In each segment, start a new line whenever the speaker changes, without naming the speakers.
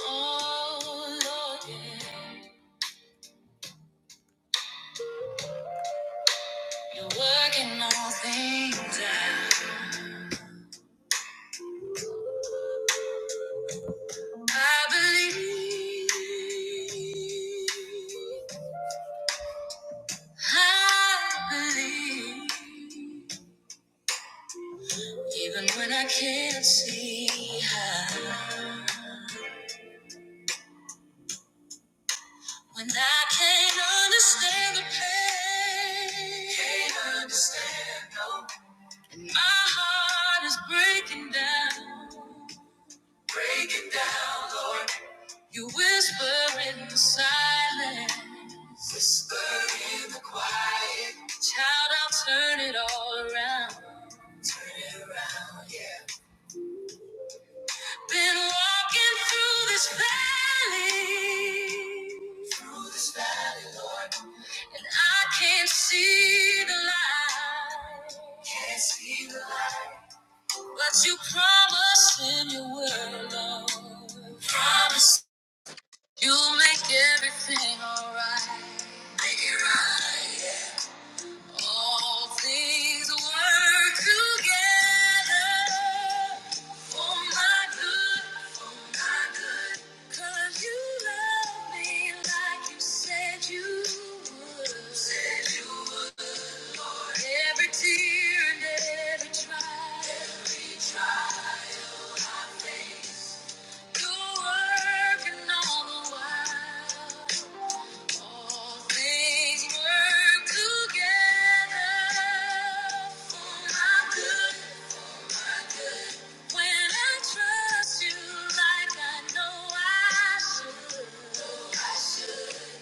Oh, Lord, yeah. You're working all things out. I believe. I believe. Even when I can't see how. When I can't understand the pain. Can't understand, no. And my heart is breaking down. Break it down, Lord. You whisper in the silence. Whisper in the quiet. Child, I'll turn it all around. Been walking through this valley. Through this valley, Lord. And I can't see the light. Can't see the light. But you promised in your word, Lord. Promise. You make everything alright. Make it right. All things work together for my good, for my good. 'Cause you love me like you said you would. Said you would. For Every tear and every trial. Every trial. I face, You're working all the while. All things work together for my good when I trust you like I know I should.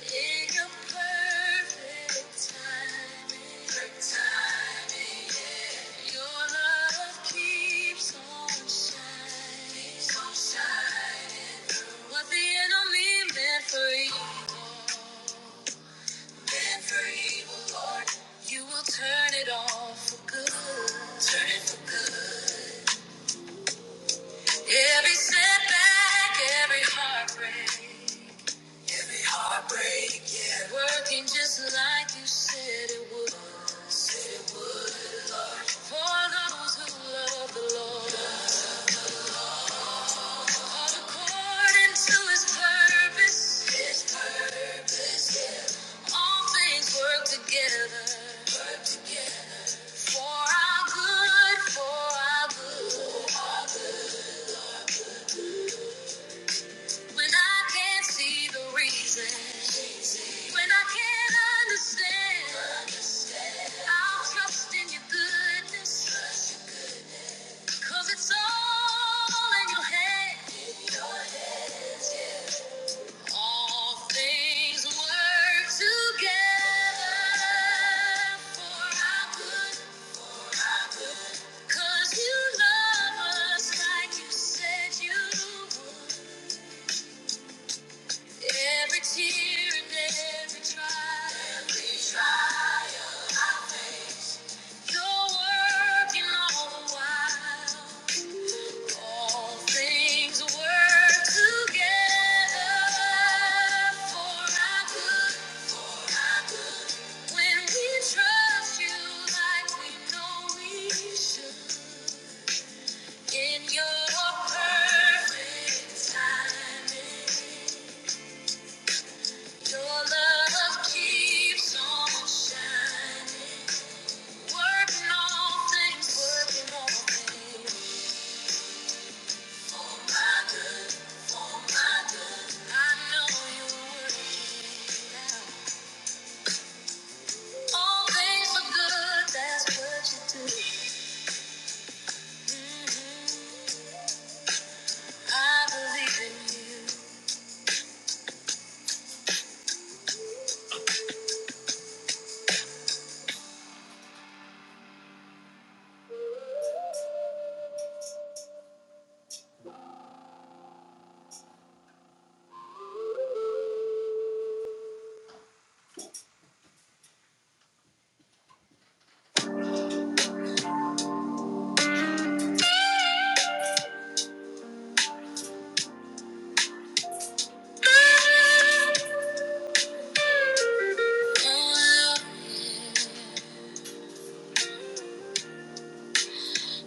In your perfect timing, your love keeps on shining, keeps the enemy meant for evil. Been for evil, Lord. You will turn it all for good. Turn it for good. Every setback, every heartbreak. Every heartbreak, yeah. Working just like you said it would. For those who love the Lord. Called according to his purpose. Yes. All things work together. For our good, for our good. When I can't see the reason. When I can't understand, I'll trust in your goodness. it's all in your hands, yes. All things work together for our you love us like you said you would. Every tear and every trial. Every trial. You're working all the while. All things work together for our good, When we trust you like we know we should. In your perfect timing, your love keeps on shining. Working all things, working all things.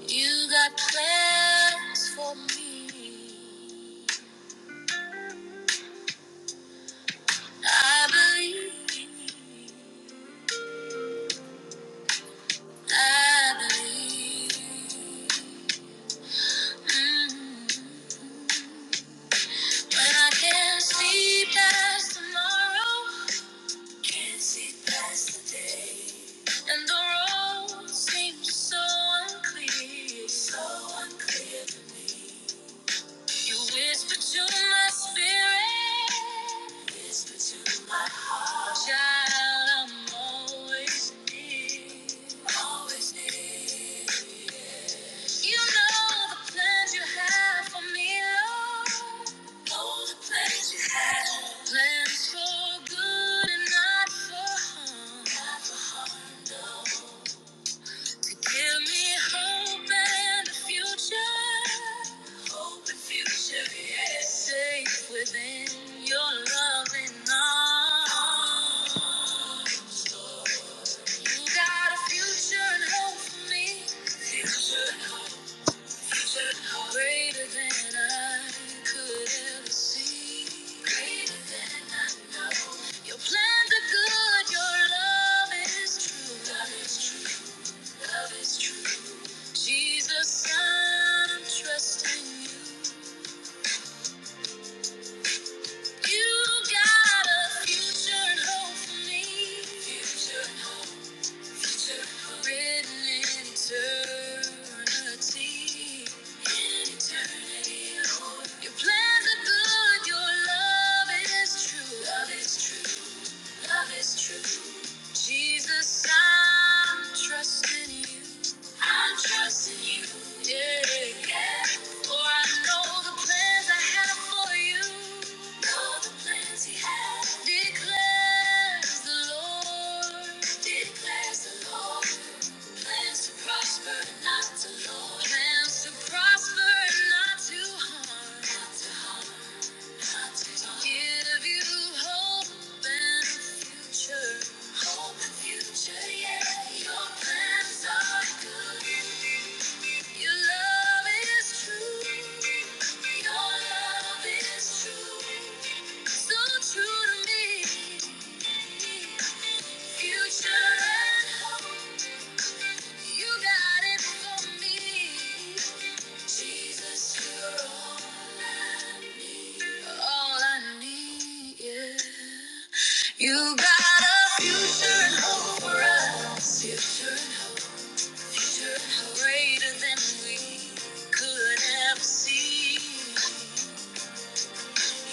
You got plans for me. I believe, I believe. Mm. But I can't see past tomorrow. Can't see past the day. And the road seems so unclear. So unclear to me. You whisper to my spirit. Whisper to my heart. Child, I'm always near. Always near. You know the plans you have for me, Lord. Know the plans you have. Plans for good and not for harm. no. Give me hope and a future. Hope and future, yes. Safe within your loving arms. You got a future and hope for me. Future and hope. Greater than I could ever see. Greater than I know. Your plans are good. Your love is true. Love is true. Love is true. Jesus, I'm trusting you. You got a future and hope for me. Future and hope. Written in eternity. Your plans are good, your love is true. Love is true. Love is true. Jesus, I'm trusting you. I'm trusting you. Yeah. yeah. For I know the plans I have for you. Know the plans he has. Declares the Lord. Declares the Lord. Plans to prosper, and not to Lord. Plans to prosper, and not to harm. Not to harm. Give you hope and future. Hope and future, yeah. Your plans are good. Your love is true. Your love is true. So true to me. Future and hope. You got it for me. Jesus, you're all I need. All I need, yeah. You got a future and hope for us. Future and hope, future and hope. Greater than we could ever see.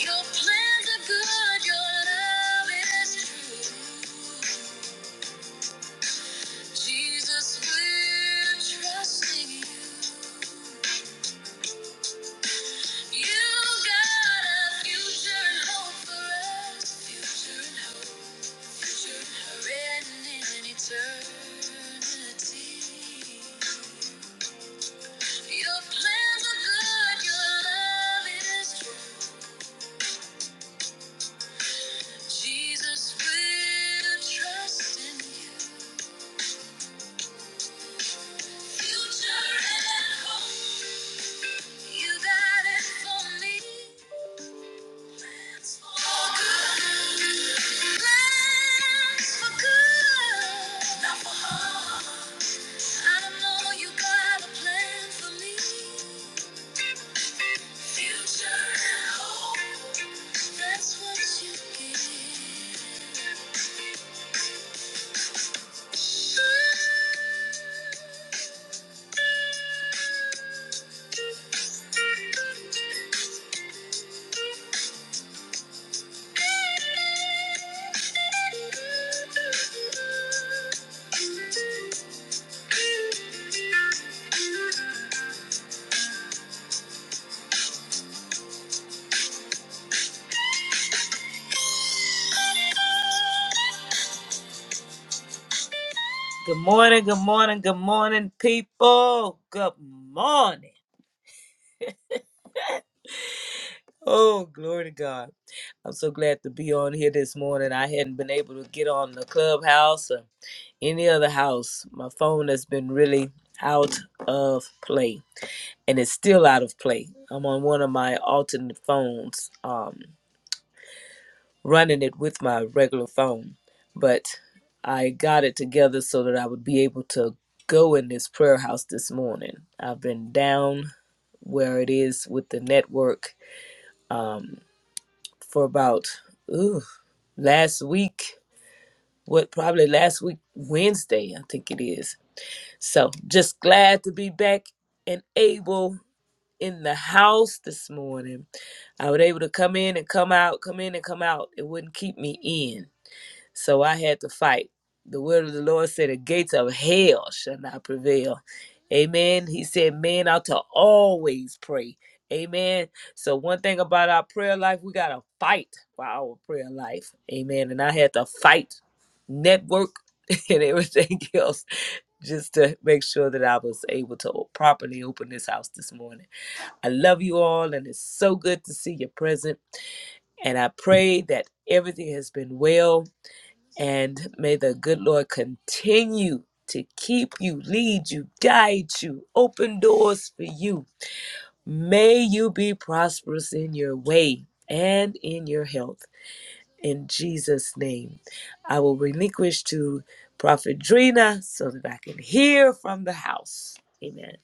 Your plans are good, your love is true. Jesus, we're trusting you. You got a future and hope for us. Future and hope, future and hope. Written in eternity. Your plans are good, your love is true. Jesus will trust in you. Future and hope, you got it for me. Thank you. Good morning, good morning, good morning, people. Good morning. Oh, glory to God. I'm so glad to be on here this morning. I hadn't been able to get on the clubhouse or any other house. My phone has been really out of play, and it's still out of play. I'm on one of my alternate phones, um, running it with my regular phone, but I got it together so that I would be able to go in this prayer house this morning. I've been down where it is with the network um, for about ooh, last week. What probably last week Wednesday, I think it is. So just glad to be back and able in the house this morning. I was able to come in and come out, come in and come out. It wouldn't keep me in. So I had to fight. The word of the Lord said, The gates of hell shall not prevail. Amen. He said, Men ought to always pray. Amen. So, one thing about our prayer life, we got to fight for our prayer life. Amen. And I had to fight network and everything else just to make sure that I was able to properly open this house this morning. I love you all, and it's so good to see you present. And I pray that everything has been well and may the good Lord continue to keep you, lead you, guide you, open doors for you. May you be prosperous in your way and in your health. In Jesus' name, I will relinquish to Prophet Drina so that I can hear from the house. Amen.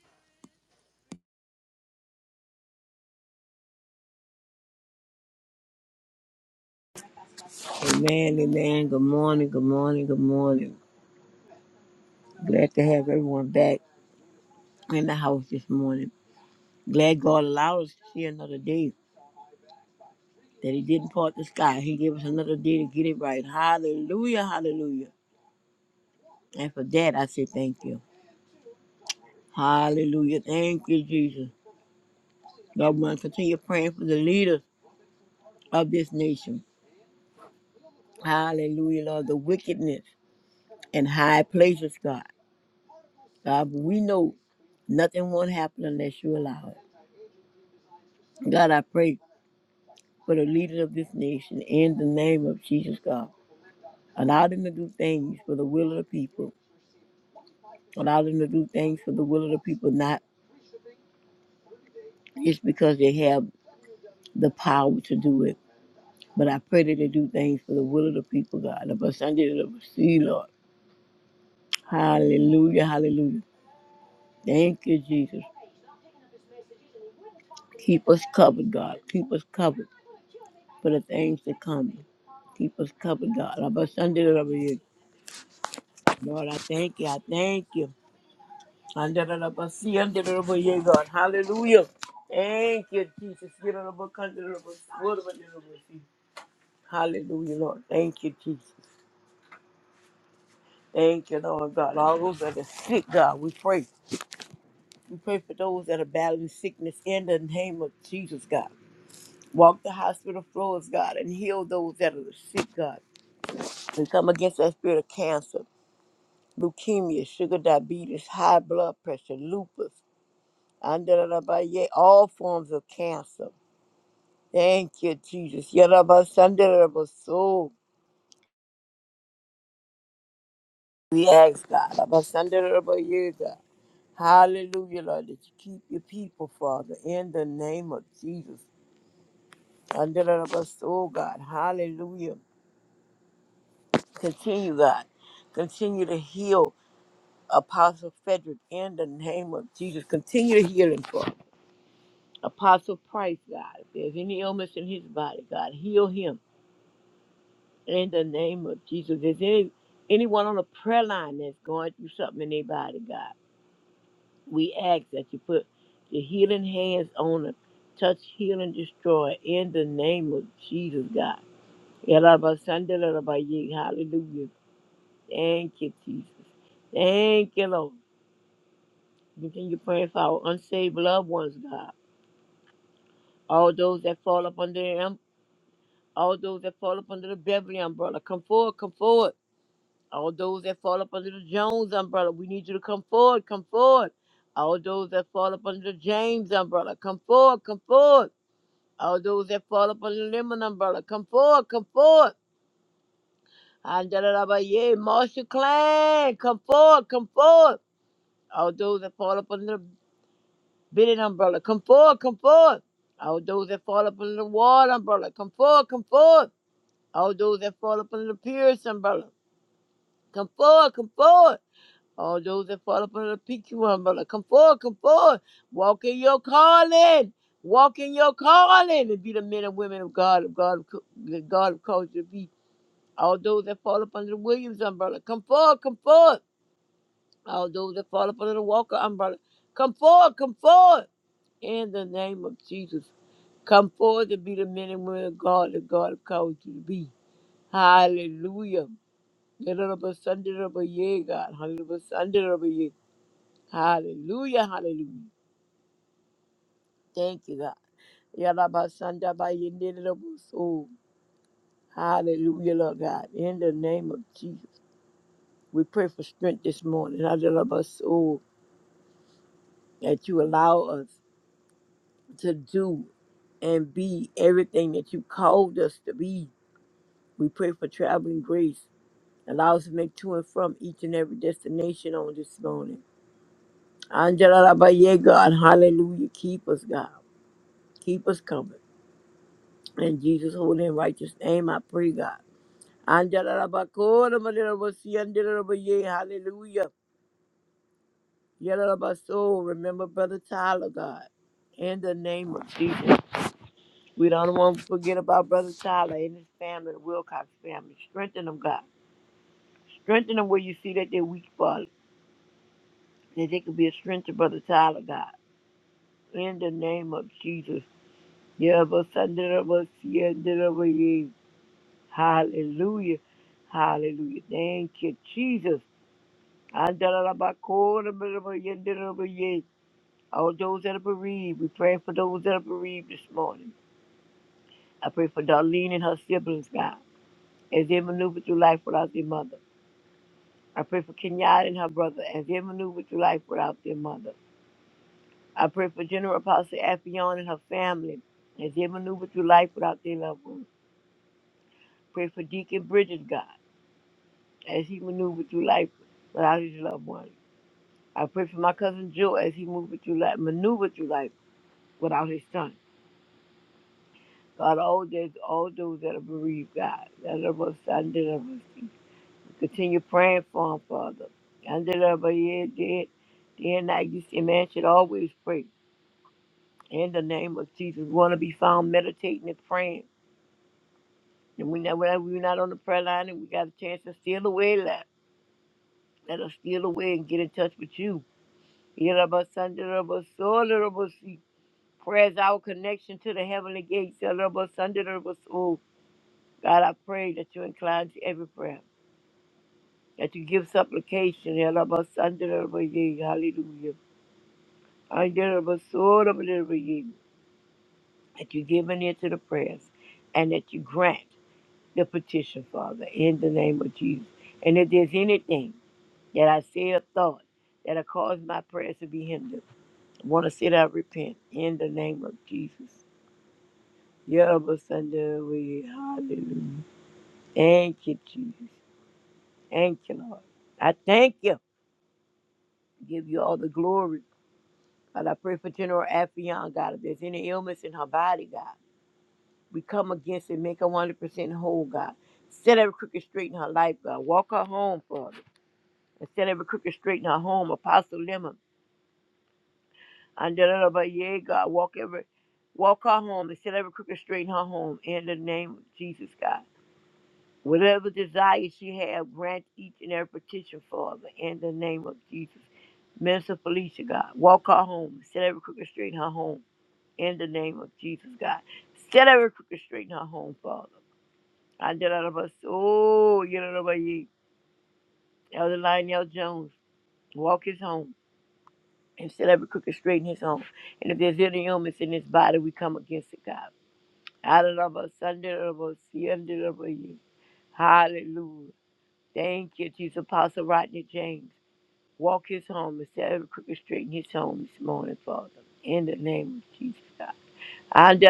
Amen, amen. Good morning, good morning, good morning. Glad to have everyone back in the house this morning. Glad God allowed us to see another day, that He didn't part the sky. He gave us another day to get it right. Hallelujah, hallelujah. And for that, I say thank you. Hallelujah. Thank you, Jesus. Lord, we want to continue praying for the leaders of this nation. Hallelujah, Lord. The wickedness in high places, God. God, we know nothing won't happen unless you allow it. God, I pray for the leaders of this nation in the name of Jesus God. Allow them to do things for the will of the people. Allow them to do things for the will of the people, not just because they have the power to do it. But I pray that they do things for the will of the people, God. Of us under the sea, Lord. Hallelujah, hallelujah. Thank you, Jesus. Keep us covered, God. Keep us covered for the things that come. Keep us covered, God. Of us under the Lord, I thank you. I thank you. Andarabasi, andarabo, yea, God. Hallelujah. Thank you, Jesus. Yarabo, kandarabo, warabo, yarabo, see. Hallelujah, Lord. Thank you, Jesus. Thank you, Lord God. All those that are sick, God, we pray. We pray for those that are battling sickness in the name of Jesus, God. Walk the hospital floors, God, and heal those that are sick, God. And come against that spirit of cancer, leukemia, sugar diabetes, high blood pressure, lupus, andarabo, yea, all forms of cancer. Thank you, Jesus. Yarabasandarabo. We ask God, Abasandarabo, you, God. Hallelujah, Lord, that you keep your people, Father, in the name of Jesus. Under the us, oh God, hallelujah. Continue, God. Continue to heal Apostle Frederick in the name of Jesus. Continue to heal him, Father. Apostle Price, God. If there's any illness in his body, God, heal him. In the name of Jesus, is any, anyone on the prayer line that's going through something in their body, God, we ask that you put the healing hands on them, touch, heal, and destroy in the name of Jesus, God. Yalabasandalarabaya. Hallelujah. Thank you, Jesus. Thank you, Lord. Continue praying for our unsaved loved ones, God. All those that fall up under the, um- all those that fall up under the Beverly umbrella, come forward, come forward. All those that fall up under the Jones umbrella, we need you to come forward, come forward. All those that fall up under the James umbrella, come forward, come forward. All those that fall up under the Lemon umbrella, come forward, come forward. Andalabaye, Marshall Clan, come forward, come forward. All those that fall up under the Bennett umbrella, come forward, come forward. All those that fall up under the Ward umbrella, come forward, come forward. All those that fall up under the Pierce umbrella, come forward, come forward. All those that fall upon the PQ umbrella, come forward, come forward. Walk in your calling. Walk in your calling and be the men and women of God, of God, of the God of culture. to Be all those that fall up under the Williams umbrella, come forward, come forward. All those that fall up under the Walker umbrella, come forward, come forward. In the name of Jesus, come forward and be the men and women of God, the God of culture. to Be hallelujah. Little of a Sunday of a year, God. Hundred of a Sunday Hallelujah, hallelujah. Thank you, God. Yalabasanda ba yendeleboso. Hallelujah, Lord God. In the name of Jesus, we pray for strength this morning. Yalabaso, That you allow us to do and be everything that you called us to be. We pray for traveling grace. Allow us to make to and from each and every destination on this morning. Angela, ba yeah, God. Hallelujah. Keep us, God. Keep us covered. In Jesus' holy and righteous name, I pray, God. Andalalabakora, malalabasi, andalalabaye, Hallelujah. Yalalabaso, Remember Brother Tyler, God. In the name of Jesus. We don't want to forget about Brother Tyler and his family, the Wilcox family. Strengthen them, God. Strengthen them where you see that they're weak, Father. That they could be a strength to Brother Tyler, God. In the name of Jesus. Yalabasi, andalabasi, andalalabaye. Hallelujah. Hallelujah. Thank you, Jesus. Andalalabakor, All those that are bereaved, we pray for those that are bereaved this morning. I pray for Darlene and her siblings, God, as they maneuver through life without their mother. I pray for Kenyatta and her brother as they maneuver through life without their mother. I pray for General Apostle Affion and her family as they maneuver through life without their loved ones. Pray for Deacon Bridges, God, as he maneuvers through life without his loved ones. I pray for my cousin Joe as he maneuvered through life, maneuvered through life without his son. God, all those, all those that are bereaved, God, that are us, I did us. Continue praying for them, Father. I did of us, yeah, did. Day and night, you see, man should always pray. In the name of Jesus, we want to be found meditating and praying. And we know whenever we're not on the prayer line and we got a chance to steal away that, let us steal away and get in touch with you. Yeah, of us, I did of us, all of us. see. Prayer is our connection to the heavenly gates. Yeah, of us, I did of us, oh. God, I pray that you incline to every prayer. that you give supplication. Yalabasandarabaye, Hallelujah. Andarabasorabaye, That you give an ear to the prayers and that you grant the petition, Father, in the name of Jesus. And if there's anything that I said or thought that have caused my prayers to be hindered, I want to say that I repent in the name of Jesus. Yalabasandarabaye, Hallelujah. Thank you, Jesus. Thank you, Lord. I thank you. Give you all the glory. God, I pray for General Affion, God. If there's any illness in her body, God, we come against it. Make her 100% whole, God. Set every crooked straight in her life, God. Walk her home, Father. And set every crooked straight in her home, Apostle Lemon. And da da da yeah, God. Walk every, walk her home and set every crooked straight in her home. In the name of Jesus, God. Whatever desires she have, grant each and every petition, Father. In the name of Jesus. Minister Felicia, God. Walk her home. Set every crooked straight in her home. in the name of Jesus, God. Set every crooked straight in her home, Father. I did out of us. Oh, you know about ye. Elder Lionel Jones, walk his home and set every crooked straight in his home. And if there's any illness in his body, we come against it, God. I did of us, under of us, under of ye. Hallelujah. Thank you, Jesus. Apostle Rodney James, walk his home and set every crooked straight in his home this morning, Father. In the name of Jesus, God. I did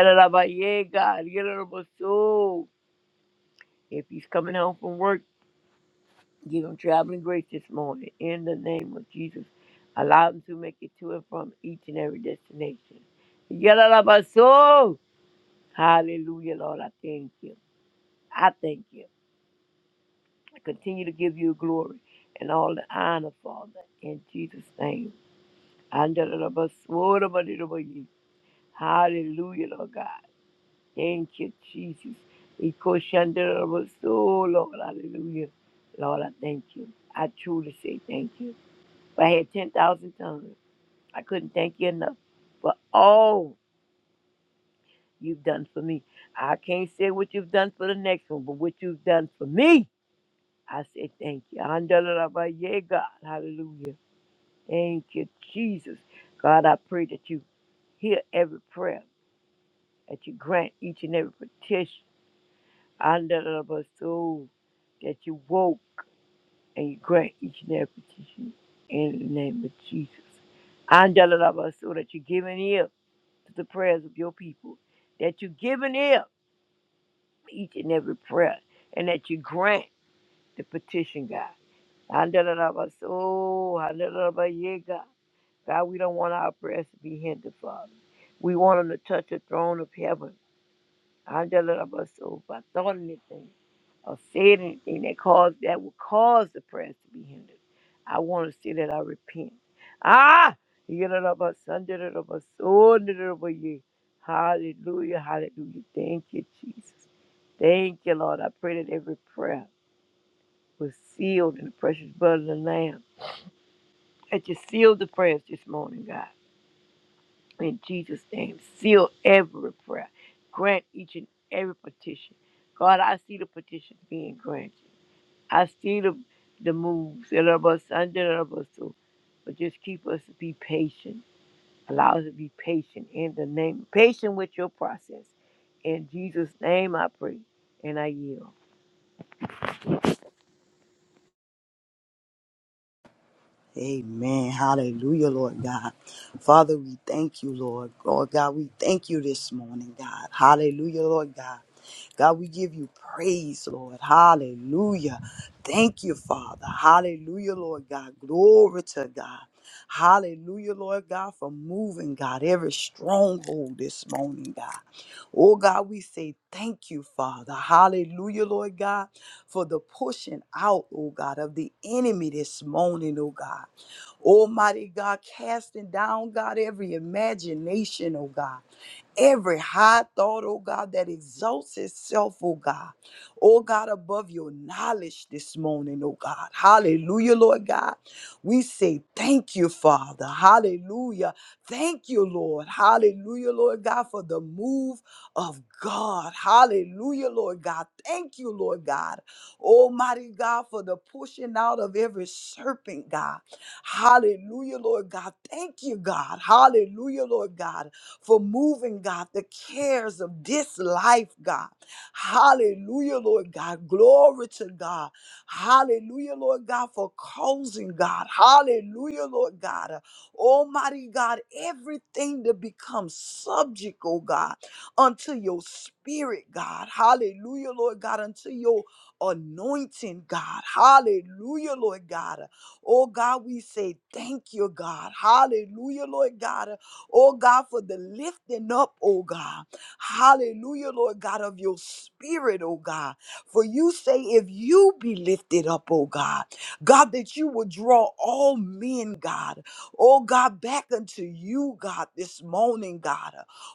ye, God. You know about so. If he's coming home from work, give him traveling grace this morning. In the name of Jesus, allow him to make it to and from each and every destination. Yalabaso! Hallelujah, Lord. I thank you. I thank you. I continue to give you glory and all the honor, Father. In Jesus' name. Andalabaso, rabadidaba. Hallelujah, Lord God. Thank you, Jesus. Ikoshandarabo, So, Lord, hallelujah. Lord, I thank you. I truly say thank you. If I had 10,000 tongues, I couldn't thank you enough for all you've done for me. I can't say what you've done for the next one, but what you've done for me, I say thank you. Andalaraba, Yeah, God, hallelujah. Thank you, Jesus. God, I pray that you hear every prayer, that you grant each and every petition. Under the that you woke and you grant each and every petition in the name of Jesus. Under the that you give an ear to the prayers of your people, that you give an ear to each and every prayer, and that you grant the petition, God. Under the soul, yeah, God. God, we don't want our prayers to be hindered, Father. We want them to touch the throne of heaven. I just love us so. If I thought anything or said anything that caused that would cause the prayers to be hindered, I want to see that I repent. Ah, you know of us, under it of us, under of you. Hallelujah, hallelujah. Thank you, Jesus. Thank you, Lord. I pray that every prayer was sealed in the precious blood of the Lamb. That you sealed the prayers this morning, God in Jesus' name. Seal every prayer. Grant each and every petition. God, I see the petition being granted. I see the the moves that are of us under the of us too. But just keep us to be patient. Allow us to be patient in the name. Patient with your process. In Jesus' name I pray. And I yield.
Amen. Hallelujah, Lord God. Father, we thank you, Lord. Lord God, we thank you this morning, God. Hallelujah, Lord God. God, we give you praise, Lord. Hallelujah. Thank you, Father. Hallelujah, Lord God. Glory to God. Hallelujah, Lord God, for moving, God, every stronghold this morning, God. Oh, God, we say thank you, Father. Hallelujah, Lord God for the pushing out, oh God, of the enemy this morning, oh God. Almighty God, casting down, God, every imagination, oh God every high thought, oh God, that exalts itself, oh God, oh God, above your knowledge this morning, oh God. Hallelujah, Lord God. We say thank you, Father. Hallelujah. Thank you, Lord. Hallelujah, Lord God, for the move of God. Hallelujah, Lord God. Thank you, Lord God. Almighty God, for the pushing out of every serpent, God. Hallelujah, Lord God. Thank you, God. Hallelujah, Lord God, for moving, God, the cares of this life, God. Hallelujah, Lord God. Glory to God. Hallelujah, Lord God, for causing, God. Hallelujah, Lord God. Uh, Almighty God, everything to become subject, oh God, unto your spirit, God. Hallelujah, Lord God, unto your anointing, God. Hallelujah, Lord God. Oh God, we say thank you, God. Hallelujah, Lord God. Oh God, for the lifting up, oh God. Hallelujah, Lord God, of your spirit, oh God. For you say, if you be lifted up, oh God, God, that you will draw all men, God. Oh God, back unto you, God, this morning, God.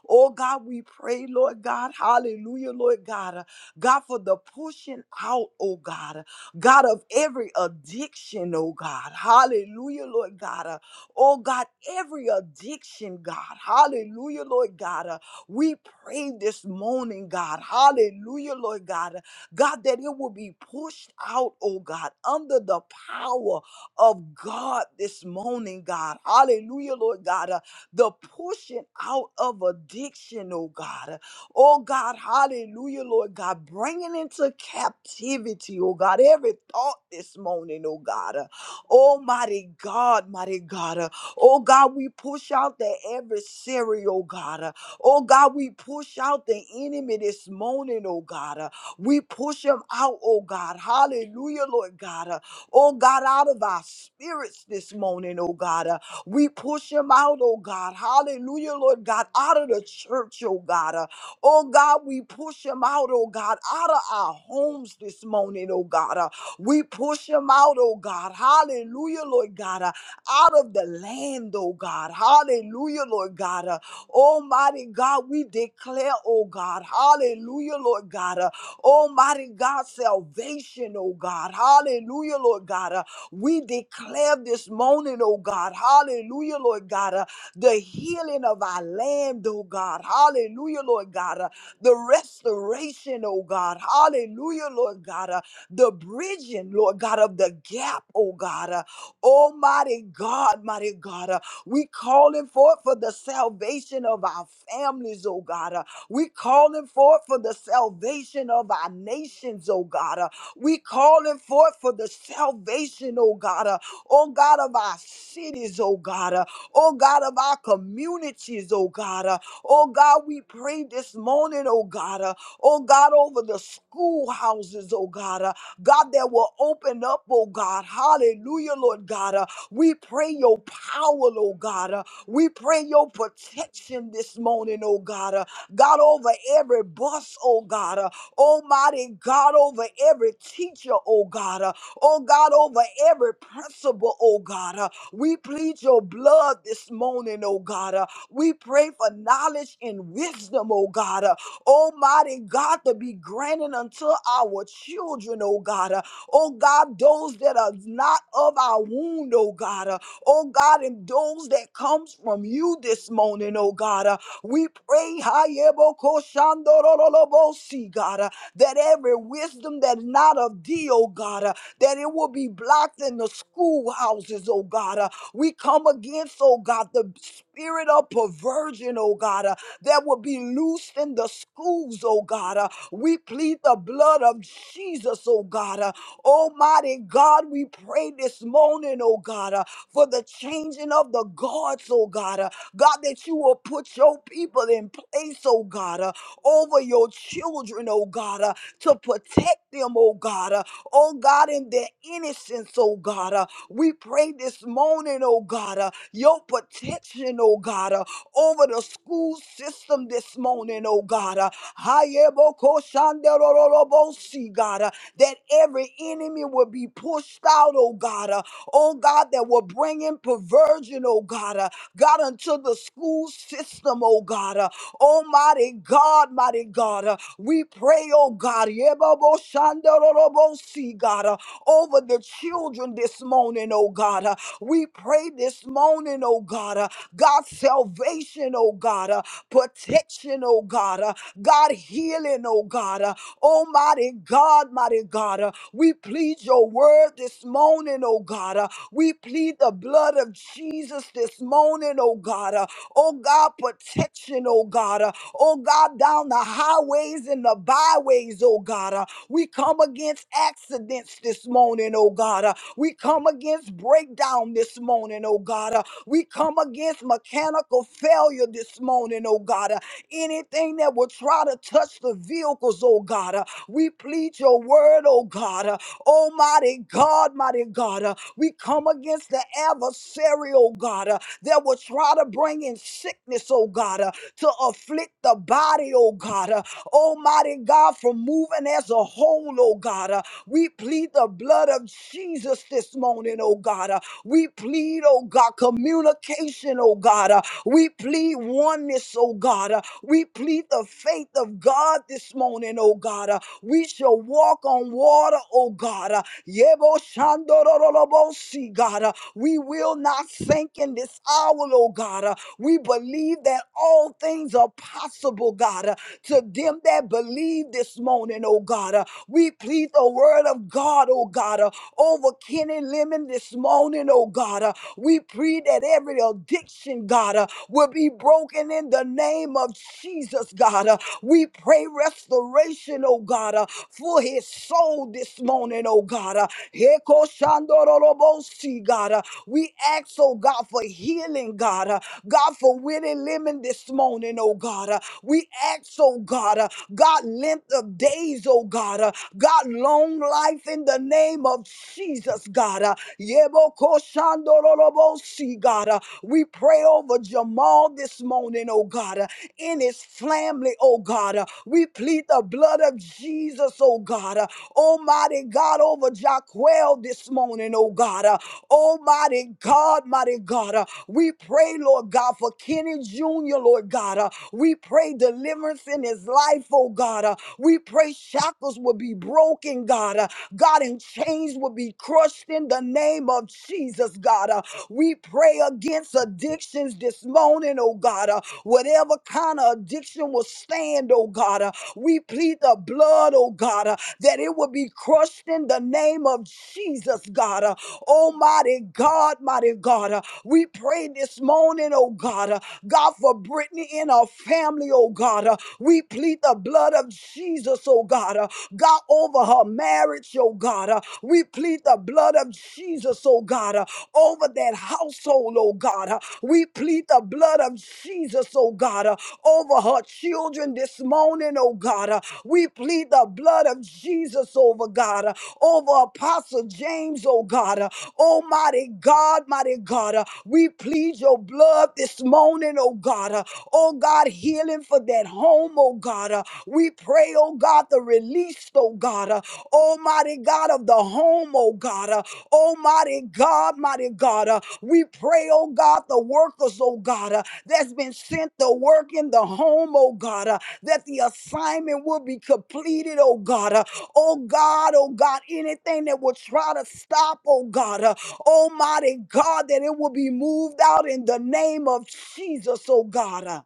Oh God, we pray, Lord God. Hallelujah, Lord God. God, for the pushing out, oh God, God of every addiction, oh God. Hallelujah, Lord God. Uh, Oh God, every addiction, God. Hallelujah, Lord God. Uh, We pray this morning, God. Hallelujah, Lord God. Uh, God, that it will be pushed out, oh God, under the power of God this morning, God. Hallelujah, Lord God. Uh, The pushing out of addiction, oh God. Oh God, hallelujah, Lord God, bringing into captivity, oh God, every thought this morning, oh God. Uh, Almighty God, mighty God. Uh, Oh God, we push out the adversary, oh God. Uh, Oh God, we push out the enemy this morning, oh God. Uh, We push him out, oh God. Hallelujah, Lord God. Uh, Oh God, out of our spirits this morning, oh God. Uh, We push him out, oh God. Hallelujah, Lord God, out of the church, oh God. Oh God, we push them out, oh God, out of our homes this morning, oh God. Uh, We push them out, oh God. Hallelujah, Lord God. Uh, Out of the land, oh God. Hallelujah, Lord God. Uh, Almighty God, we declare, oh God. Hallelujah, Lord God. Uh, Almighty God, salvation, oh God. Hallelujah, Lord God. Uh, We declare this morning, oh God. Hallelujah, Lord God. uh, the healing of our land, oh God. Hallelujah, Lord God. Uh, The restoration, oh God. Hallelujah, Lord God. Uh, The bridging, Lord God, of the gap, oh God. Uh, Almighty God, mighty God. Uh, We calling forth for the salvation of our families, oh God. Uh, We calling forth for the salvation of our nations, oh God. Uh, We calling forth for the salvation, oh God. Uh, oh God of our cities, oh God oh God, of our communities, oh God. Uh, oh God, we pray this morning, oh God, uh, oh God, over the schoolhouses, oh God, uh, God, that will open up, oh God. Hallelujah, Lord God. Uh, we pray your power, oh God. Uh, we pray your protection this morning, oh God. Uh, God, over every bus, oh God. Uh, Almighty God, over every teacher, oh God. Uh, oh God, over every principal, oh God. uh, we plead your blood this morning, oh God. Uh, We pray for knowledge and wisdom, oh God. Uh, Almighty God, to be granted unto our children, oh God. Uh, Oh God, those that are not of our wound, oh God. Uh, Oh God, and those that comes from you this morning, oh God. Uh, We pray, Hayebokoshandorolobosi, God, uh, that every wisdom that is not of thee, oh God, uh, that it will be blocked in the schoolhouses, oh God. Uh, we come against, oh God, the spirit of perversion, oh God, uh, that will be loosed in the schools, oh God. Uh, we plead the blood of Jesus, oh God. Uh, Almighty God, we pray this morning, oh God, uh, for the changing of the guards, oh God. Uh, God, that you will put your people in place, oh God, uh, over your children, oh God, uh, to protect them, oh God. uh, oh God, in their innocence, oh God. Uh, we pray this morning, oh God, uh, your protection, oh God, uh, over the school system this morning, oh God. Uh, Hayebokoshanderororobosi, God, uh, that every enemy will be pushed out, oh God. Uh, oh God, that will bring in perversion, oh God. Uh, God, unto the school system, oh God. uh, Almighty God, mighty God, uh, we pray, oh God, yeboboshandororobosi, God, uh, over the children this morning, oh God. uh, We pray this morning, oh God, uh, God, salvation, oh God, uh, protection, oh God, uh, God, healing, oh God, uh, Almighty God, mighty God, uh, we plead your word this morning, oh God. uh, We plead the blood of Jesus this morning, oh God. uh, Oh God, protection, oh God. Uh, Oh God, down the highways and the byways, oh God. Uh, We come against accidents this morning, oh God. Uh, We come against breakdown this morning, oh God. Uh, We come against mechanical failure this morning, oh God. Uh, Anything that will try to touch the vehicles, oh God. Uh, We plead your word, oh God. Uh, Almighty God, mighty God. Uh, We come against the adversary, oh God. Uh, that will try to bring in sickness, oh God, uh, to afflict the body, oh God. uh, Almighty God, from moving as a whole, oh God. Uh, we plead the blood of Jesus this morning, oh God. Uh, we plead, oh God, communication, oh God. Uh, we plead oneness, oh God. Uh, we plead the faith of God this morning, oh God. Uh, we shall walk on water, oh God. Uh, Yebo shandorolobosi, God. Uh, we will not sink in this hour, oh God. Uh, we believe that all things things are possible, God, uh, to them that believe this morning, oh God. Uh, we plead the word of God, oh God, uh, over Kenny Lemon this morning, oh God. Uh, we plead that every addiction, God, uh, will be broken in the name of Jesus, God. Uh, we pray restoration, oh God, uh, for his soul this morning, oh God. Uh, Heko shandorolobosi, God. Uh, we ask, oh God, for healing, God. Uh, God, for Willie Lemon this morning, oh God. Uh, we ask, oh God, uh, God, length of days, oh God. Uh, God, long life in the name of Jesus, God. Uh, Yebokoshandorolobosi, God. Uh, we pray over Jamal this morning, oh God. Uh, in his family, oh God. Uh, we plead the blood of Jesus, oh God. Uh, Almighty God, over Jaquel this morning, oh God. Uh, Almighty God mighty God. Uh, We pray, Lord God, for Kenny Jr., Lord God. Uh, We pray deliverance in his life, oh God. Uh, We pray shackles will be broken, God. Uh, God, and chains will be crushed in the name of Jesus, God. Uh, We pray against addictions this morning, oh God. Uh, Whatever kind of addiction will stand, oh God. Uh, We plead the blood, oh God, uh, that it will be crushed in the name of Jesus, God. Uh, Oh, mighty God, mighty God. uh, We pray this morning, oh God. uh, God, for Brittany and her family, oh God. uh, We plead the blood of Jesus, oh God. uh, God, over her marriage, oh God. uh, We plead the blood of Jesus, oh God. uh, Over that household, oh God. uh, We plead the blood of Jesus, oh God. uh, Over her children this morning, oh God. uh, We plead the blood of Jesus over God. uh, Over over Apostle James, oh God. Uh, Almighty God, mighty God, uh, we plead your blood this morning, oh God. Uh, Oh God, healing for that home, oh God. Uh, We pray, oh God, the release, oh God. Uh, Almighty God of the home, oh God. Uh, Almighty God, mighty God. Uh, We pray, oh God, the workers, oh God, uh, that's been sent to work in the home, oh God, uh, that the assignment will be completed, oh God. Uh, Oh God, oh God, anything that will try to stop, oh God, uh, Almighty God, that it will be moved out in the name of Jesus, oh God. uh.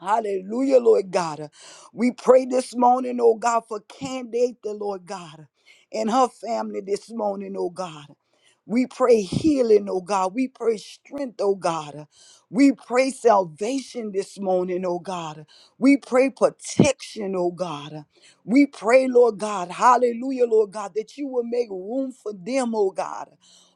Hallelujah, Lord God. We pray this morning, oh God, for Candate, the Lord God, and her family this morning, oh God. We pray healing, oh God. We pray strength, oh God. We pray salvation this morning, oh God. We pray protection, oh God. We pray, Lord God, hallelujah, Lord God, that you will make room for them, oh God.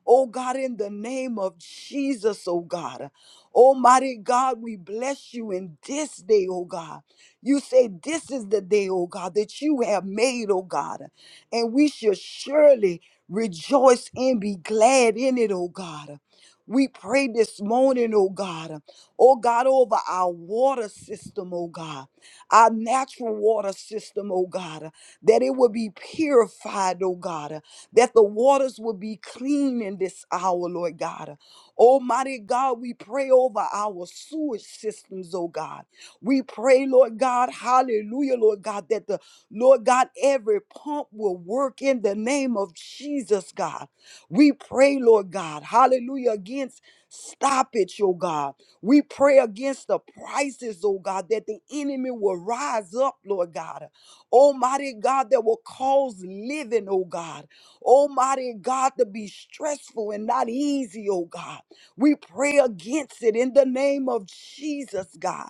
Oh God, in the name of Jesus, oh God. Almighty God, we bless you in this day, oh God. You say this is the day, oh God, that you have made, oh God. And we shall surely rejoice and be glad in it, oh God. We pray this morning, oh God, oh God, over our water system, oh God, our natural water system, oh God, that it will be purified, oh God, that the waters will be clean in this hour, Lord God. Almighty God, we pray over our sewage systems, oh God. We pray, Lord God, hallelujah, Lord God, that the Lord God, every pump will work in the name of Jesus, God. We pray, Lord God, hallelujah, against stoppage, oh God. We pray against the prices, oh God, that the enemy will rise up, Lord God. Almighty God, that will cause living, oh God. Almighty God, to be stressful and not easy, oh God. We pray against it in the name of Jesus, God.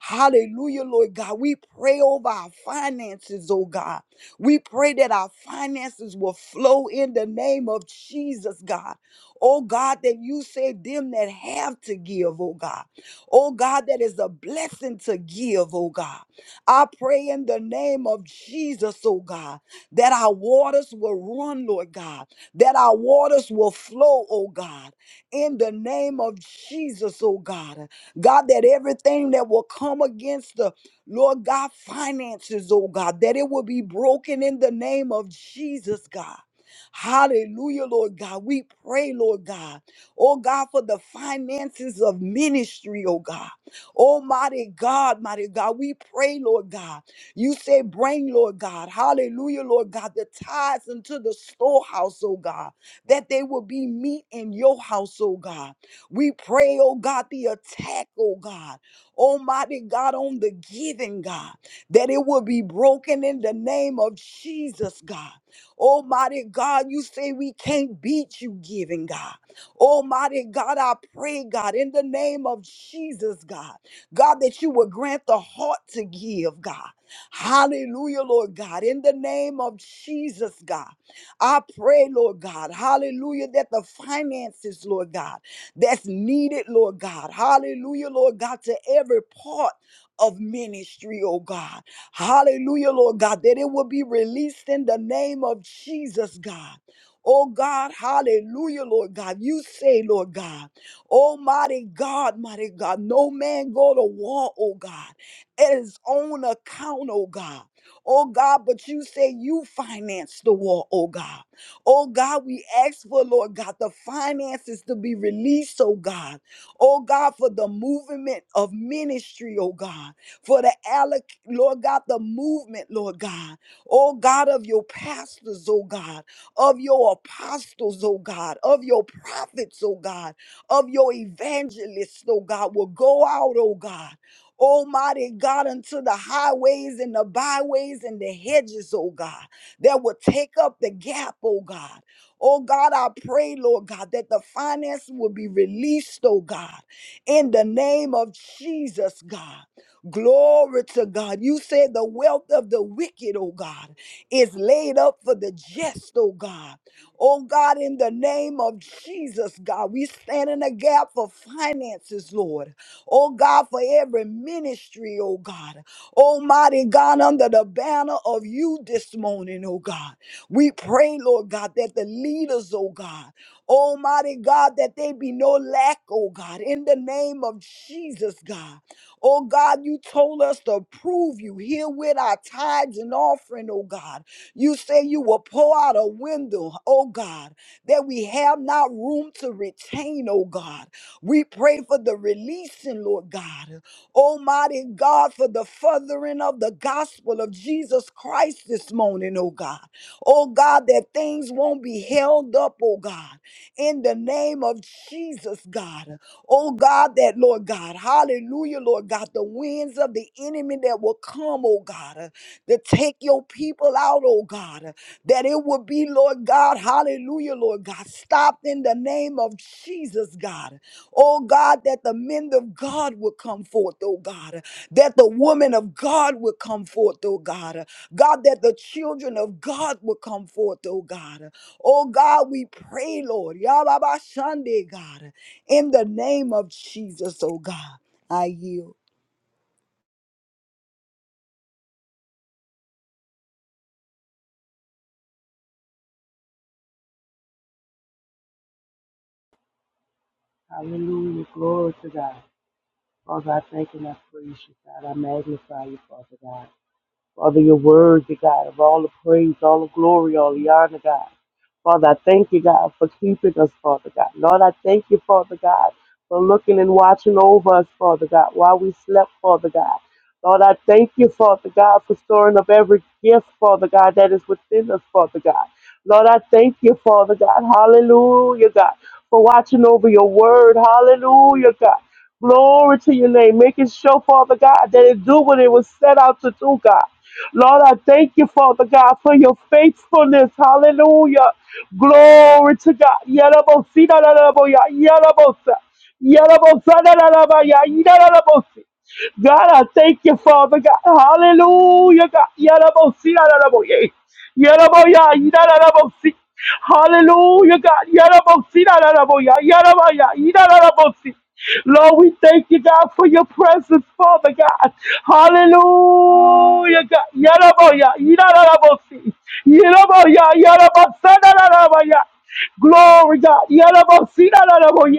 Hallelujah, Lord God. We pray over our finances, oh God. We pray that our finances will flow in the name of Jesus, God. Oh God, that you say them that have to give, oh God. Oh God, that is a blessing to give, oh God. I pray in the name of Jesus, oh God, that our waters will run, Lord God, that our waters will flow, oh God in the name of Jesus, oh God. God, that everything that will come against the Lord God finances, oh God, that it will be broken in the name of Jesus, God. Hallelujah, Lord God. We pray, Lord God. Oh God, for the finances of ministry, oh God. Almighty God, mighty God, we pray, Lord God. You say, bring, Lord God. Hallelujah, Lord God, the tithes into the storehouse, oh God that they will be meat in your house, oh God. We pray, oh God, the attack, oh God, Almighty God, on the giving, God, that it will be broken in the name of Jesus, God. Almighty God, you say we can't beat you giving, God. Almighty God, I pray, God, in the name of Jesus, God, God, that you will grant the heart to give, God. Hallelujah, Lord God, in the name of Jesus, God. I pray, Lord God, hallelujah, that the finances, Lord God, that's needed, Lord God, hallelujah, Lord God, to every part of ministry, oh God, hallelujah, Lord God, that it will be released in the name of Jesus, God. Oh God, hallelujah, Lord God. You say, Lord God, Almighty God, mighty God, no man go to war, oh God, at his own account, oh God. Oh God, but you say you finance the war, oh God. Oh God, we ask for, Lord God, the finances to be released, oh God. Oh God, for the movement of ministry, oh God. For the alloc, Lord God, the movement, Lord God. Oh God, of your pastors, oh God. Of your apostles, oh God. Of your prophets, oh God. Of your evangelists, oh God. Will go out, oh God Almighty God, unto the highways and the byways and the hedges, oh God, that will take up the gap, oh God. Oh God, I pray, Lord God, that the finance will be released, oh God, in the name of Jesus, God. Glory to God. You said the wealth of the wicked, oh God, is laid up for the just, oh God. Oh God, in the name of Jesus, God, we stand in the gap for finances, Lord oh God, for every ministry, oh God. Almighty God, under the banner of you this morning, oh God. We pray, Lord God, that the leaders, oh God, Almighty God, that they be no lack, oh God, in the name of Jesus, God. Oh God, you told us to prove you here with our tithes and offering, oh God. You say you will pour out a window, oh God, that we have not room to retain, oh God. We pray for the releasing, Lord God. Almighty God, for the furthering of the gospel of Jesus Christ this morning, oh God. Oh God, that things won't be held up, oh God, in the name of Jesus, God. Oh God, that Lord God, hallelujah, Lord God, the winds of the enemy that will come, oh God, uh, to take your people out, oh God, uh, that it will be, Lord God, hallelujah, Lord God, stopped in the name of Jesus, God. Oh God, that the men of God would come forth, oh God, that the women of God would come forth, oh God, God, that the children of God would come forth, oh God. Oh God, we pray, Lord, Yababa Sunday, God, in the name of Jesus, oh God, I yield.
Hallelujah. Glory to God. Father, I thank and I praise you, God. I magnify you, Father God. Father, you're worthy, God, of all the praise, all the glory, all the honor, God. Father, I thank you, God, for keeping us, Father God. Lord, I thank you, Father God, for looking and watching over us, Father God, while we slept, Father God. Lord, I thank you, Father God, for storing up every gift, Father God, that is within us, Father God. Lord, I thank you, Father God. Hallelujah, God, for watching over your word. Hallelujah, God. Glory to your name. Making sure, Father God, that it do what it was set out to do, God. Lord, I thank you, Father God, for your faithfulness. Hallelujah. Glory to God. Yarabosi, da, da, da, bo, ya, yarabosa. Yarabosa, da, da, bosi. God, I thank you, Father God. Hallelujah, God. Yarabosi, da, da, da, Yaraboya, Yarabosi. Hallelujah, God. Yarabosi, Yaraboya, Yarabaya, Yarabosi. Lord, we thank you, God, for your presence, Father God. Hallelujah, God. Yaraboya, Yarabosi. Yaraboya, Yarabasa, Yarabaya. Glory, God. Yarabosi, Yaraboya.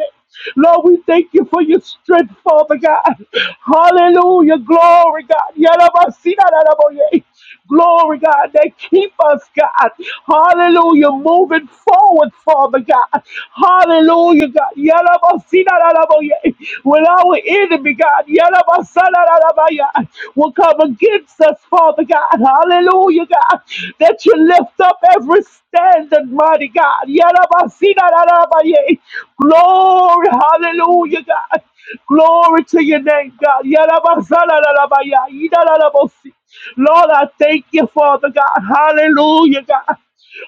Lord, we thank you for your strength, Father God. Hallelujah. Glory, God. Yarabasi, Yaraboya. Glory, God, that keep us, God. Hallelujah. Moving forward, Father God. Hallelujah, God. Yalabasinalalaboye. When our enemy, God, yalabasanalalaboye, will come against us, Father God. Hallelujah, God. That you lift up every standard, mighty God. Yalabasinalalaboye. Glory, hallelujah, God. Glory to your name, God. Yarabazalarabaya, yidarabosi. Lord, I thank you, Father God. Hallelujah, God.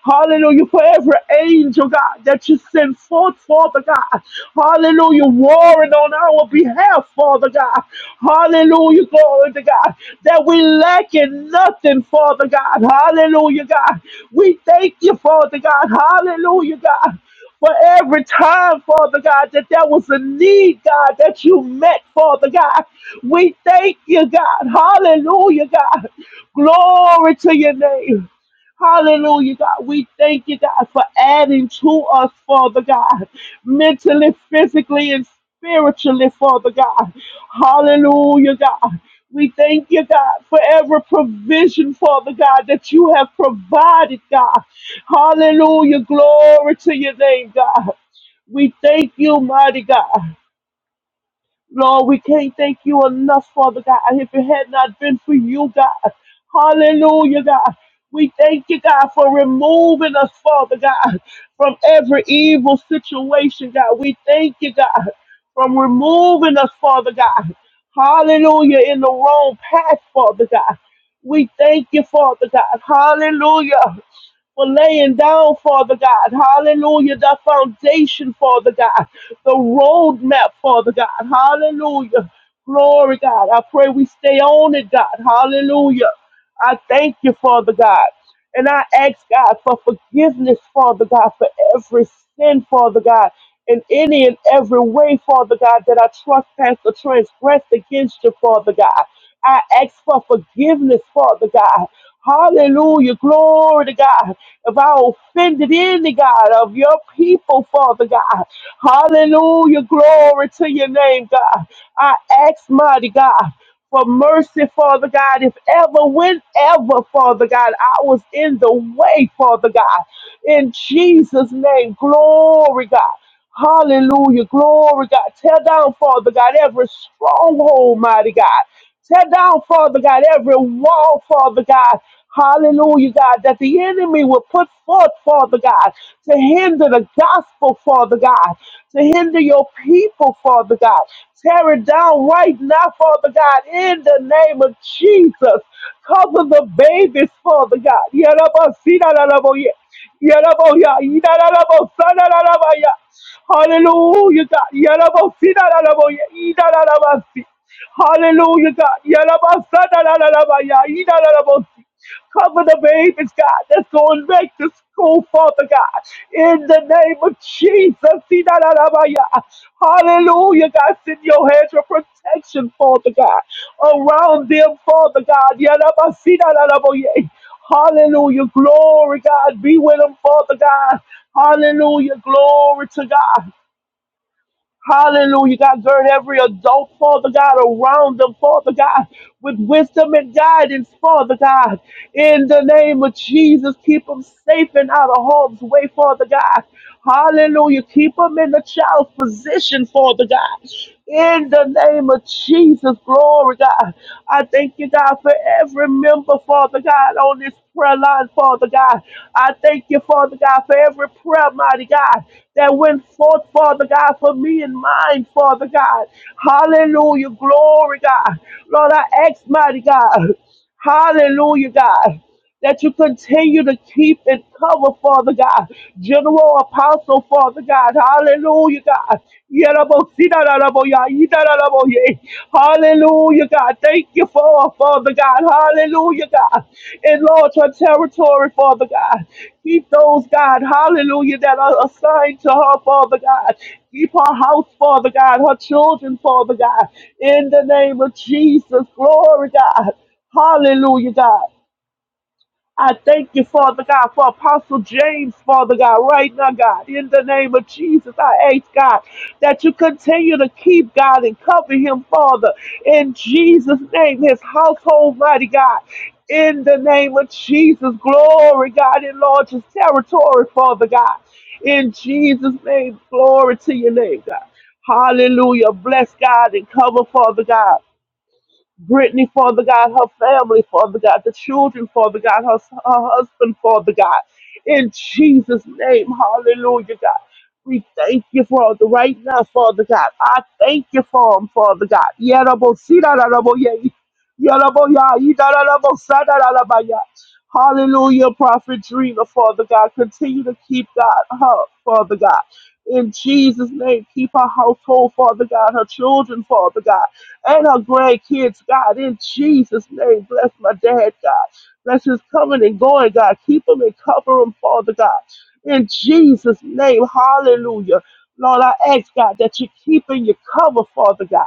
Hallelujah for every angel, God, that you send forth, Father God. Hallelujah, warring on our behalf, Father God. Hallelujah, glory to God, that we lack in nothing, Father God. Hallelujah, God. We thank you, Father God. Hallelujah, God. For every time, Father God, that there was a need, God, that you met, Father God. We thank you, God. Hallelujah, God. Glory to your name. Hallelujah, God. We thank you, God, for adding to us, Father God, mentally, physically, and spiritually, Father God. Hallelujah, God. We thank you, God, for every provision, Father God, that you have provided, God. Hallelujah. Glory to your name, God. We thank you, mighty God. Lord, we can't thank you enough, Father God. If it had not been for you, God, hallelujah, God. We thank you, God, for removing us, Father God, from every evil situation, God. We thank you, God, from removing us, Father God. Hallelujah, in the wrong path, Father God. We thank you, Father God. Hallelujah for laying down, Father God. Hallelujah. The foundation, Father God. The roadmap, Father God. Hallelujah. Glory, God. I pray we stay on it, God. Hallelujah. I thank you, Father God. And I ask God for forgiveness, Father God, for every sin, Father God, in any and every way, Father God, that I trespass or transgress against you, Father God. I ask for forgiveness, Father God. Hallelujah. Glory to God. If I offended any God of your people, Father God. Hallelujah. Glory to your name, God. I ask, mighty God for mercy, Father God. If ever, whenever, Father God, I was in the way, Father God. In Jesus' name, glory, God. Hallelujah, glory, God. Tear down, Father God, every stronghold, mighty God. Tear down, Father God, every wall, Father God. Hallelujah, God, that the enemy will put forth, Father God, to hinder the gospel, Father God, to hinder your people, Father God. Tear it down right now, Father God, in the name of Jesus. Cover the babies, Father God. Yaraboya, Idarabo, Sanarabaya. Hallelujah, God. Yarabo, Sinaraboya, Idarabasi. Hallelujah, God. Yarabo, Sanarabaya, Idarabosi. Cover the babies, God, that's going back to school, Father God. In the name of Jesus, Idarabaya. Hallelujah, God. Send your hands of protection, Father God, around them, Father God. Yarabo, Sinaraboya. Hallelujah. Glory, God. Be with them, Father God. Hallelujah. Glory to God. Hallelujah. God, gird every adult, Father God, around them, Father God, with wisdom and guidance, Father God. In the name of Jesus, keep them safe and out of harm's way, Father God. Hallelujah. Keep them in the child's position, Father God. In the name of Jesus, glory, God. I thank you, God, for every member, Father God, on this prayer line, Father God. I thank you, Father God, for every prayer, mighty God, that went forth, Father God, for me and mine, Father God. Hallelujah. Glory, God. Lord, I ask, mighty God. Hallelujah, God. That you continue to keep and cover, Father God. General Apostle, Father God. Hallelujah, God. Hallelujah, God. Thank you for her, Father God. Hallelujah, God. Enlarge her territory, Father God. Keep those, God, hallelujah, that are assigned to her, Father God. Keep her house, Father God, her children, Father God. In the name of Jesus, glory, God. Hallelujah, God. I thank you, Father God, for Apostle James, Father God, right now, God. In the name of Jesus, I ask, God, that you continue to keep, God, and cover him, Father. In Jesus' name, his household, mighty God. In the name of Jesus, glory, God, enlarge his territory, Father God. In Jesus' name, glory to your name, God. Hallelujah. Bless God and cover, Father God. Brittany, Father God, her family, Father God, the children, Father God, her, her husband, Father God. In Jesus' name, hallelujah, God. We thank you, Father, right now, Father God. I thank you for him, Father God. Yarabo, sidarabo, yay. Yarabo, ya, yidarabo, sadarabo, ya. Hallelujah, prophet dreamer, Father God. Continue to keep God her, Father God. In Jesus' name, keep her household, Father God, her children, Father God and our grandkids, God, in Jesus' name. Bless my dad, God. Bless his coming and going, God. Keep him and cover him, Father God. In Jesus' name, hallelujah. Lord, I ask, God, that you keep in your cover, Father God.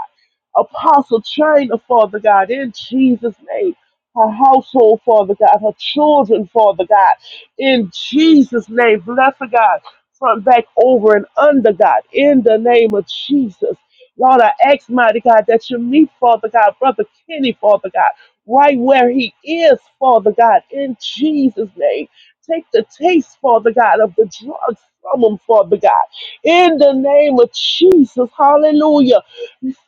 Apostle China, Father God, in Jesus' name. Her household, Father God, her children, Father God, in Jesus' name, bless her, God, front, back, over, and under, God, in the name of Jesus. Lord, I ask, mighty God, that you meet, Father God, Brother Kenny, Father God, right where he is, Father God, in Jesus' name. Take the taste, Father God, of the drugs from him, Father God. In the name of Jesus, hallelujah.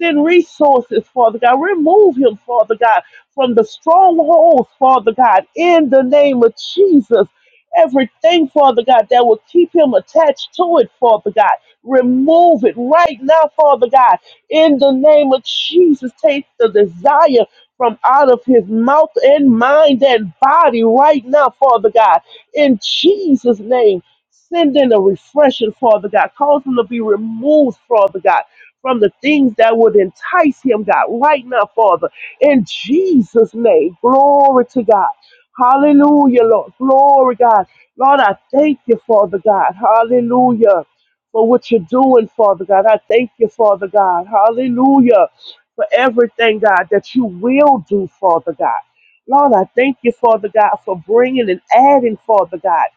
Send resources, Father God. Remove him, Father God, from the strongholds, Father God, in the name of Jesus. Everything, Father God, that will keep him attached to it, Father God. Remove it right now, Father God. In the name of Jesus, take the desire from out of his mouth and mind and body right now, Father God. In Jesus' name, send in a refreshing, Father God. Cause him to be removed, Father God, from the things that would entice him, God, right now, Father. In Jesus' name, glory to God. Hallelujah, Lord. Glory, God. Lord, I thank you, Father God. Hallelujah. For what you're doing, Father God. I thank you, Father God. Hallelujah. For everything, God, that you will do, Father God. Lord, I thank you, Father God, for bringing and adding, Father God.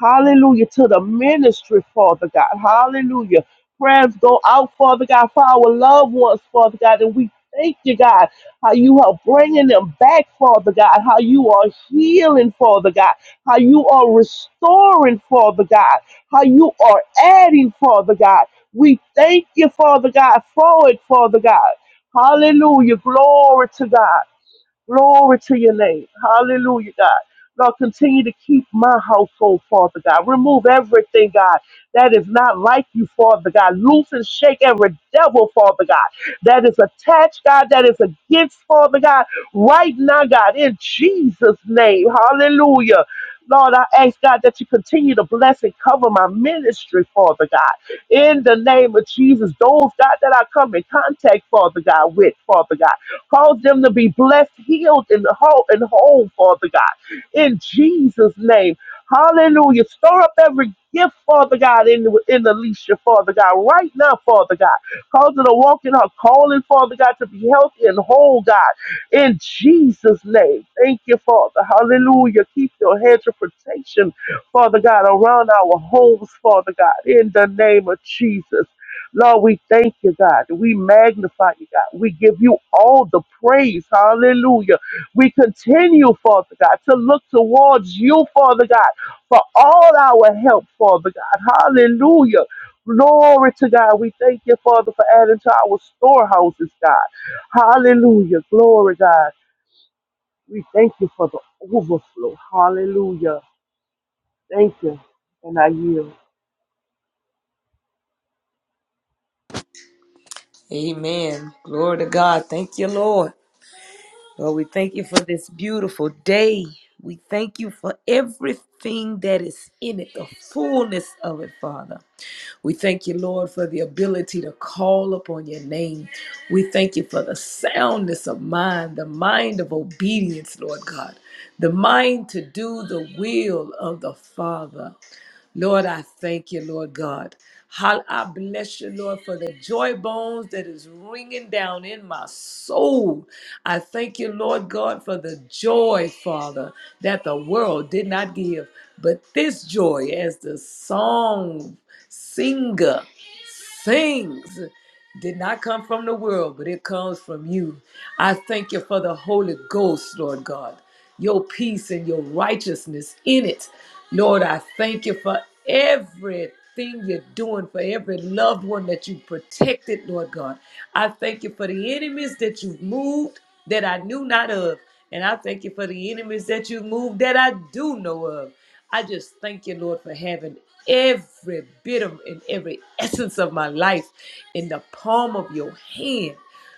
Hallelujah. To the ministry, Father God. Hallelujah. Prayers go out, Father God, for our loved ones, Father God. And we thank you, God how you are bringing them back, Father God, how you are healing, Father God, how you are restoring, Father God, how you are adding, Father God. We thank you, Father God, for it, Father God. Hallelujah. Glory to God. Glory to your name. Hallelujah, God. Lord, continue to keep my household, Father God. Remove everything, God, that is not like you, Father God. Loose and shake every devil, Father God, that is attached, God, that is against, Father God, right now, God, in Jesus' name. Hallelujah. Lord, I ask God that you continue to bless and cover my ministry, Father God. In the name of Jesus, those God that I come in contact, Father God, with, Father God. Cause them to be blessed, healed, and whole, and whole, Father God. In Jesus' name. Hallelujah. Store up every gift, Father God, in, in Alicia, Father God, right now, Father God. Cause her to walk in her calling, Father God, to be healthy and whole, God. In Jesus' name. Thank you, Father. Hallelujah. Keep your hands of protection, Father God, around our homes, Father God, in the name of Jesus. Lord, we thank you, God. We magnify you, God. We give you all the praise. Hallelujah. We continue, Father God, to look towards you, Father God, for all our help, Father God. Hallelujah. Glory to God. We thank you, Father, for adding to our storehouses, God. Hallelujah. Glory, God. We thank you for the overflow. Hallelujah. Thank you. And I yield.
Amen. Glory to God. Thank you, Lord. Lord, we thank you for this beautiful day. We thank you for everything that is in it, the fullness of it, Father. We thank you, Lord, for the ability to call upon your name. We thank you for the soundness of mind, the mind of obedience, Lord God, the mind to do the will of the Father. Lord, I thank you, Lord God. Hall- I bless you, Lord, for the joy bones that is ringing down in my soul. I thank you, Lord God, for the joy, Father, that the world did not give. But this joy, as the song singer things did not come from the world, but it comes from you. I thank you for the Holy Ghost, Lord God, your peace and your righteousness in it. Lord, I thank you for everything you're doing, for every loved one that you protected, Lord God. I thank you for the enemies that you've moved that I knew not of. And I thank you for the enemies that you've moved that I do know of. I just thank you, Lord, for having every bit of and every essence of my life in the palm of your hand.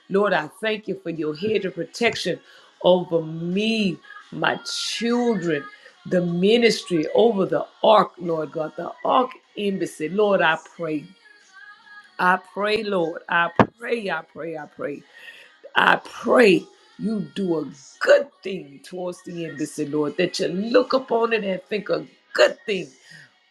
Lord, I thank you for your hedge of protection over me, my children, the ministry, over the ark, Lord God, the ark embassy. Lord, I pray. I pray, Lord. I pray, I pray, I pray. I pray you do a good thing towards the embassy, Lord, that you look upon it and think a good thing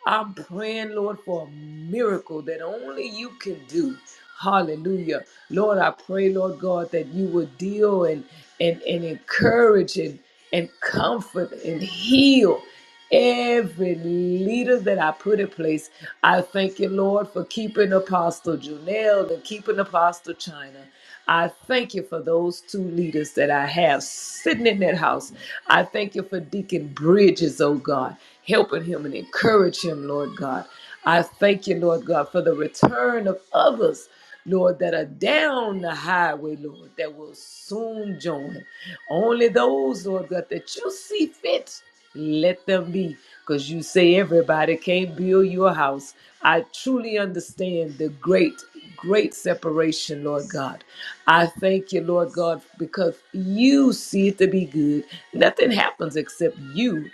I'm praying, Lord, for a miracle that only you can do. Hallelujah. Lord, I pray, Lord God, that you would deal and, and, and encourage and, and comfort and heal every leader that I put in place. I thank you, Lord, for keeping Apostle Janelle and keeping Apostle China. I thank you for those two leaders that I have sitting in that house. I thank you for Deacon Bridges, oh God, helping him and encourage him, Lord God. I thank you, Lord God, for the return of others, Lord, that are down the highway, Lord, that will soon join. Only those, Lord God, that you see fit, let them be. Because you say everybody can't build your house. I truly understand the great great separation, Lord God. I thank you, Lord God, because you see it to be good. Nothing happens except you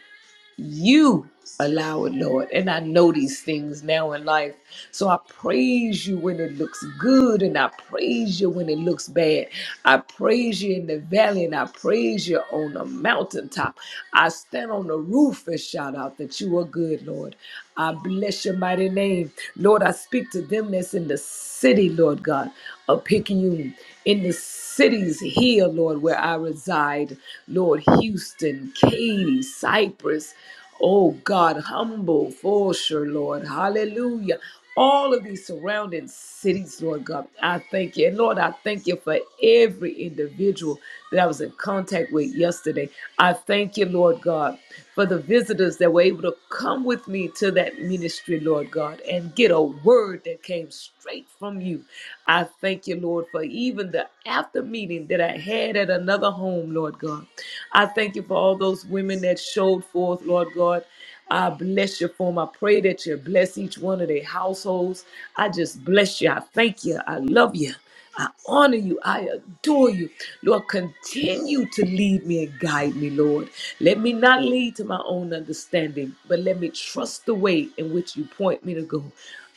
you allow it, Lord. And I know these things now in life. So I praise you when it looks good and I praise you when it looks bad. I praise you in the valley and I praise you on the mountaintop. I stand on the roof and shout out that you are good, Lord. I bless your mighty name. Lord, I speak to them that's in the city, Lord God, of Picayune, in the cities here, Lord, where I reside, Lord, Houston, Katy, Cypress, oh God, humble, Fulshire, Lord, hallelujah. All of these surrounding cities, Lord God, I thank you. And Lord, I thank you for every individual that I was in contact with yesterday. I thank you, Lord God, for the visitors that were able to come with me to that that ministry, Lord God, and get a word that came straight from you. I thank you, Lord, for even the after meeting that I had at another home, Lord God. I thank you for all those women that showed forth, Lord God. I bless you for them. I pray that you bless each one of their households. I just bless you. I thank you. I love you. I honor you. I adore you. Lord, continue to lead me and guide me, Lord. Let me not lead to my own understanding, but let me trust the way in which you point me to go.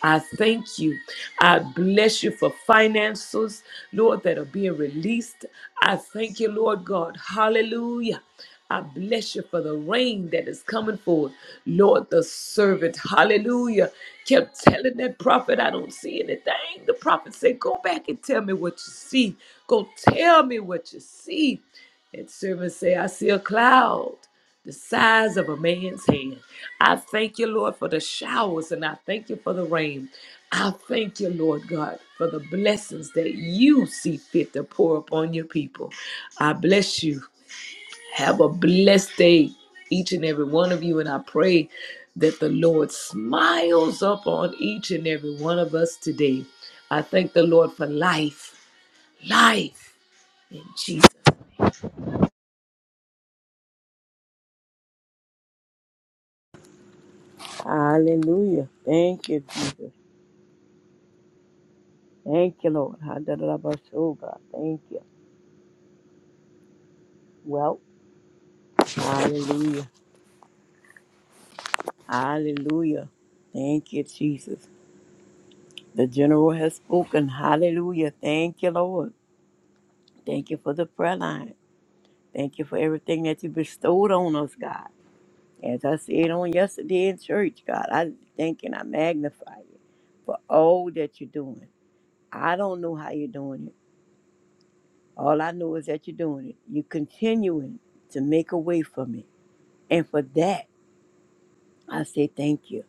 I thank you. I bless you for finances, Lord, that are being released. I thank you, Lord God. Hallelujah. I bless you for the rain that is coming forth. Lord, the servant, hallelujah, kept telling that prophet, I don't see anything. The prophet said, Go back and tell me what you see. Go tell me what you see. That servant said, I see a cloud the size of a man's hand. I thank you, Lord, for the showers and I thank you for the rain. I thank you, Lord God, for the blessings that you see fit to pour upon your people. I bless you. Have a blessed day, each and every one of you. And I pray that the Lord smiles up on each and every one of us today. I thank the Lord for life, life in Jesus.
Hallelujah. Thank you, Jesus. Thank you, Lord. Hallelujah, da God. Thank you. Well, Hallelujah. Hallelujah. Thank you, Jesus. The general has spoken. Hallelujah. Thank you, Lord. Thank you for the prayer line. Thank you for everything that you bestowed on us, God. As I said on yesterday in church, God, I thank and I magnify you for all that you're doing. I don't know how you're doing it. All I know is that you're doing it. You're continuing to make a way for me. And for that, I say thank you.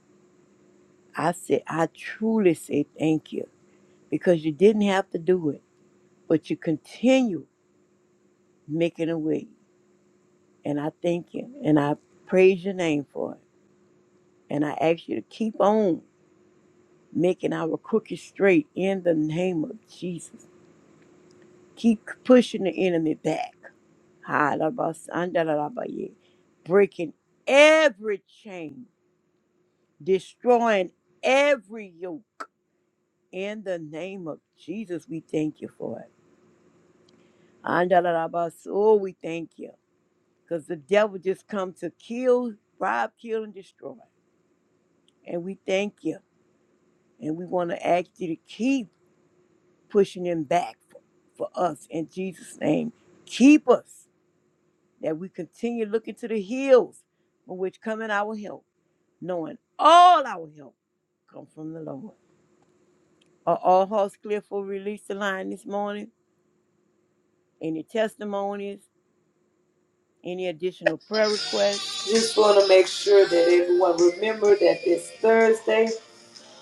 I say, I truly say thank you because you didn't have to do it. but you continue making a way. And I thank you and I praise your name for it. And I ask you to keep on making our crooked straight in the name of Jesus. Keep pushing the enemy back. Ha-da-ba-san-da-da-da-ba-ye. Breaking every chain, destroying every yoke. In the name of Jesus, we thank you for it. And we thank you. because the devil just come to kill, rob, kill, and destroy. And we thank you. And we want to ask you to keep pushing him back for, for us in Jesus' name. Keep us that we continue looking to the hills from which coming our help, knowing all our help come from the Lord. Are all hearts clear for release the line this morning? Any testimonies? Any additional prayer requests?
Just want to make sure that everyone remember that this Thursday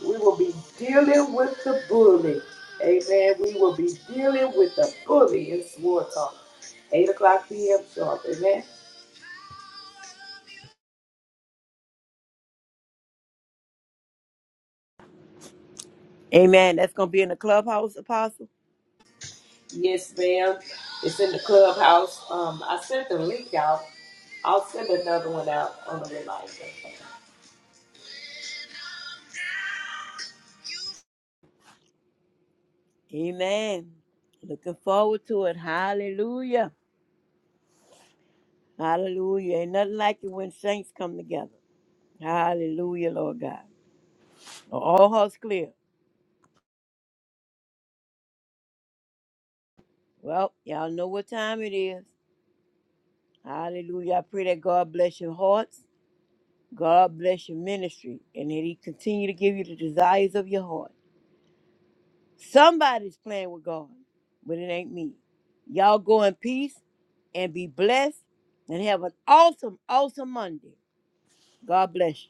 we will be dealing with the bully. Amen. We will be dealing with the bully in War Talk. 8 o'clock p.m. sharp. Amen.
Amen. That's going to be in the clubhouse, Apostle.
Yes, ma'am. It's in the clubhouse. Um, I sent the link out. I'll send another one out on the reminder.
Amen. Looking forward to it. Hallelujah. Hallelujah. Ain't nothing like it when saints come together. Hallelujah, Lord God. Are All hearts clear. Well, y'all know what time it is. Hallelujah. I pray that God bless your hearts. God bless your ministry. And that He continue to give you the desires of your heart. Somebody's playing with God, but it ain't me. Y'all go in peace and be blessed and have an awesome, awesome Monday. God bless you.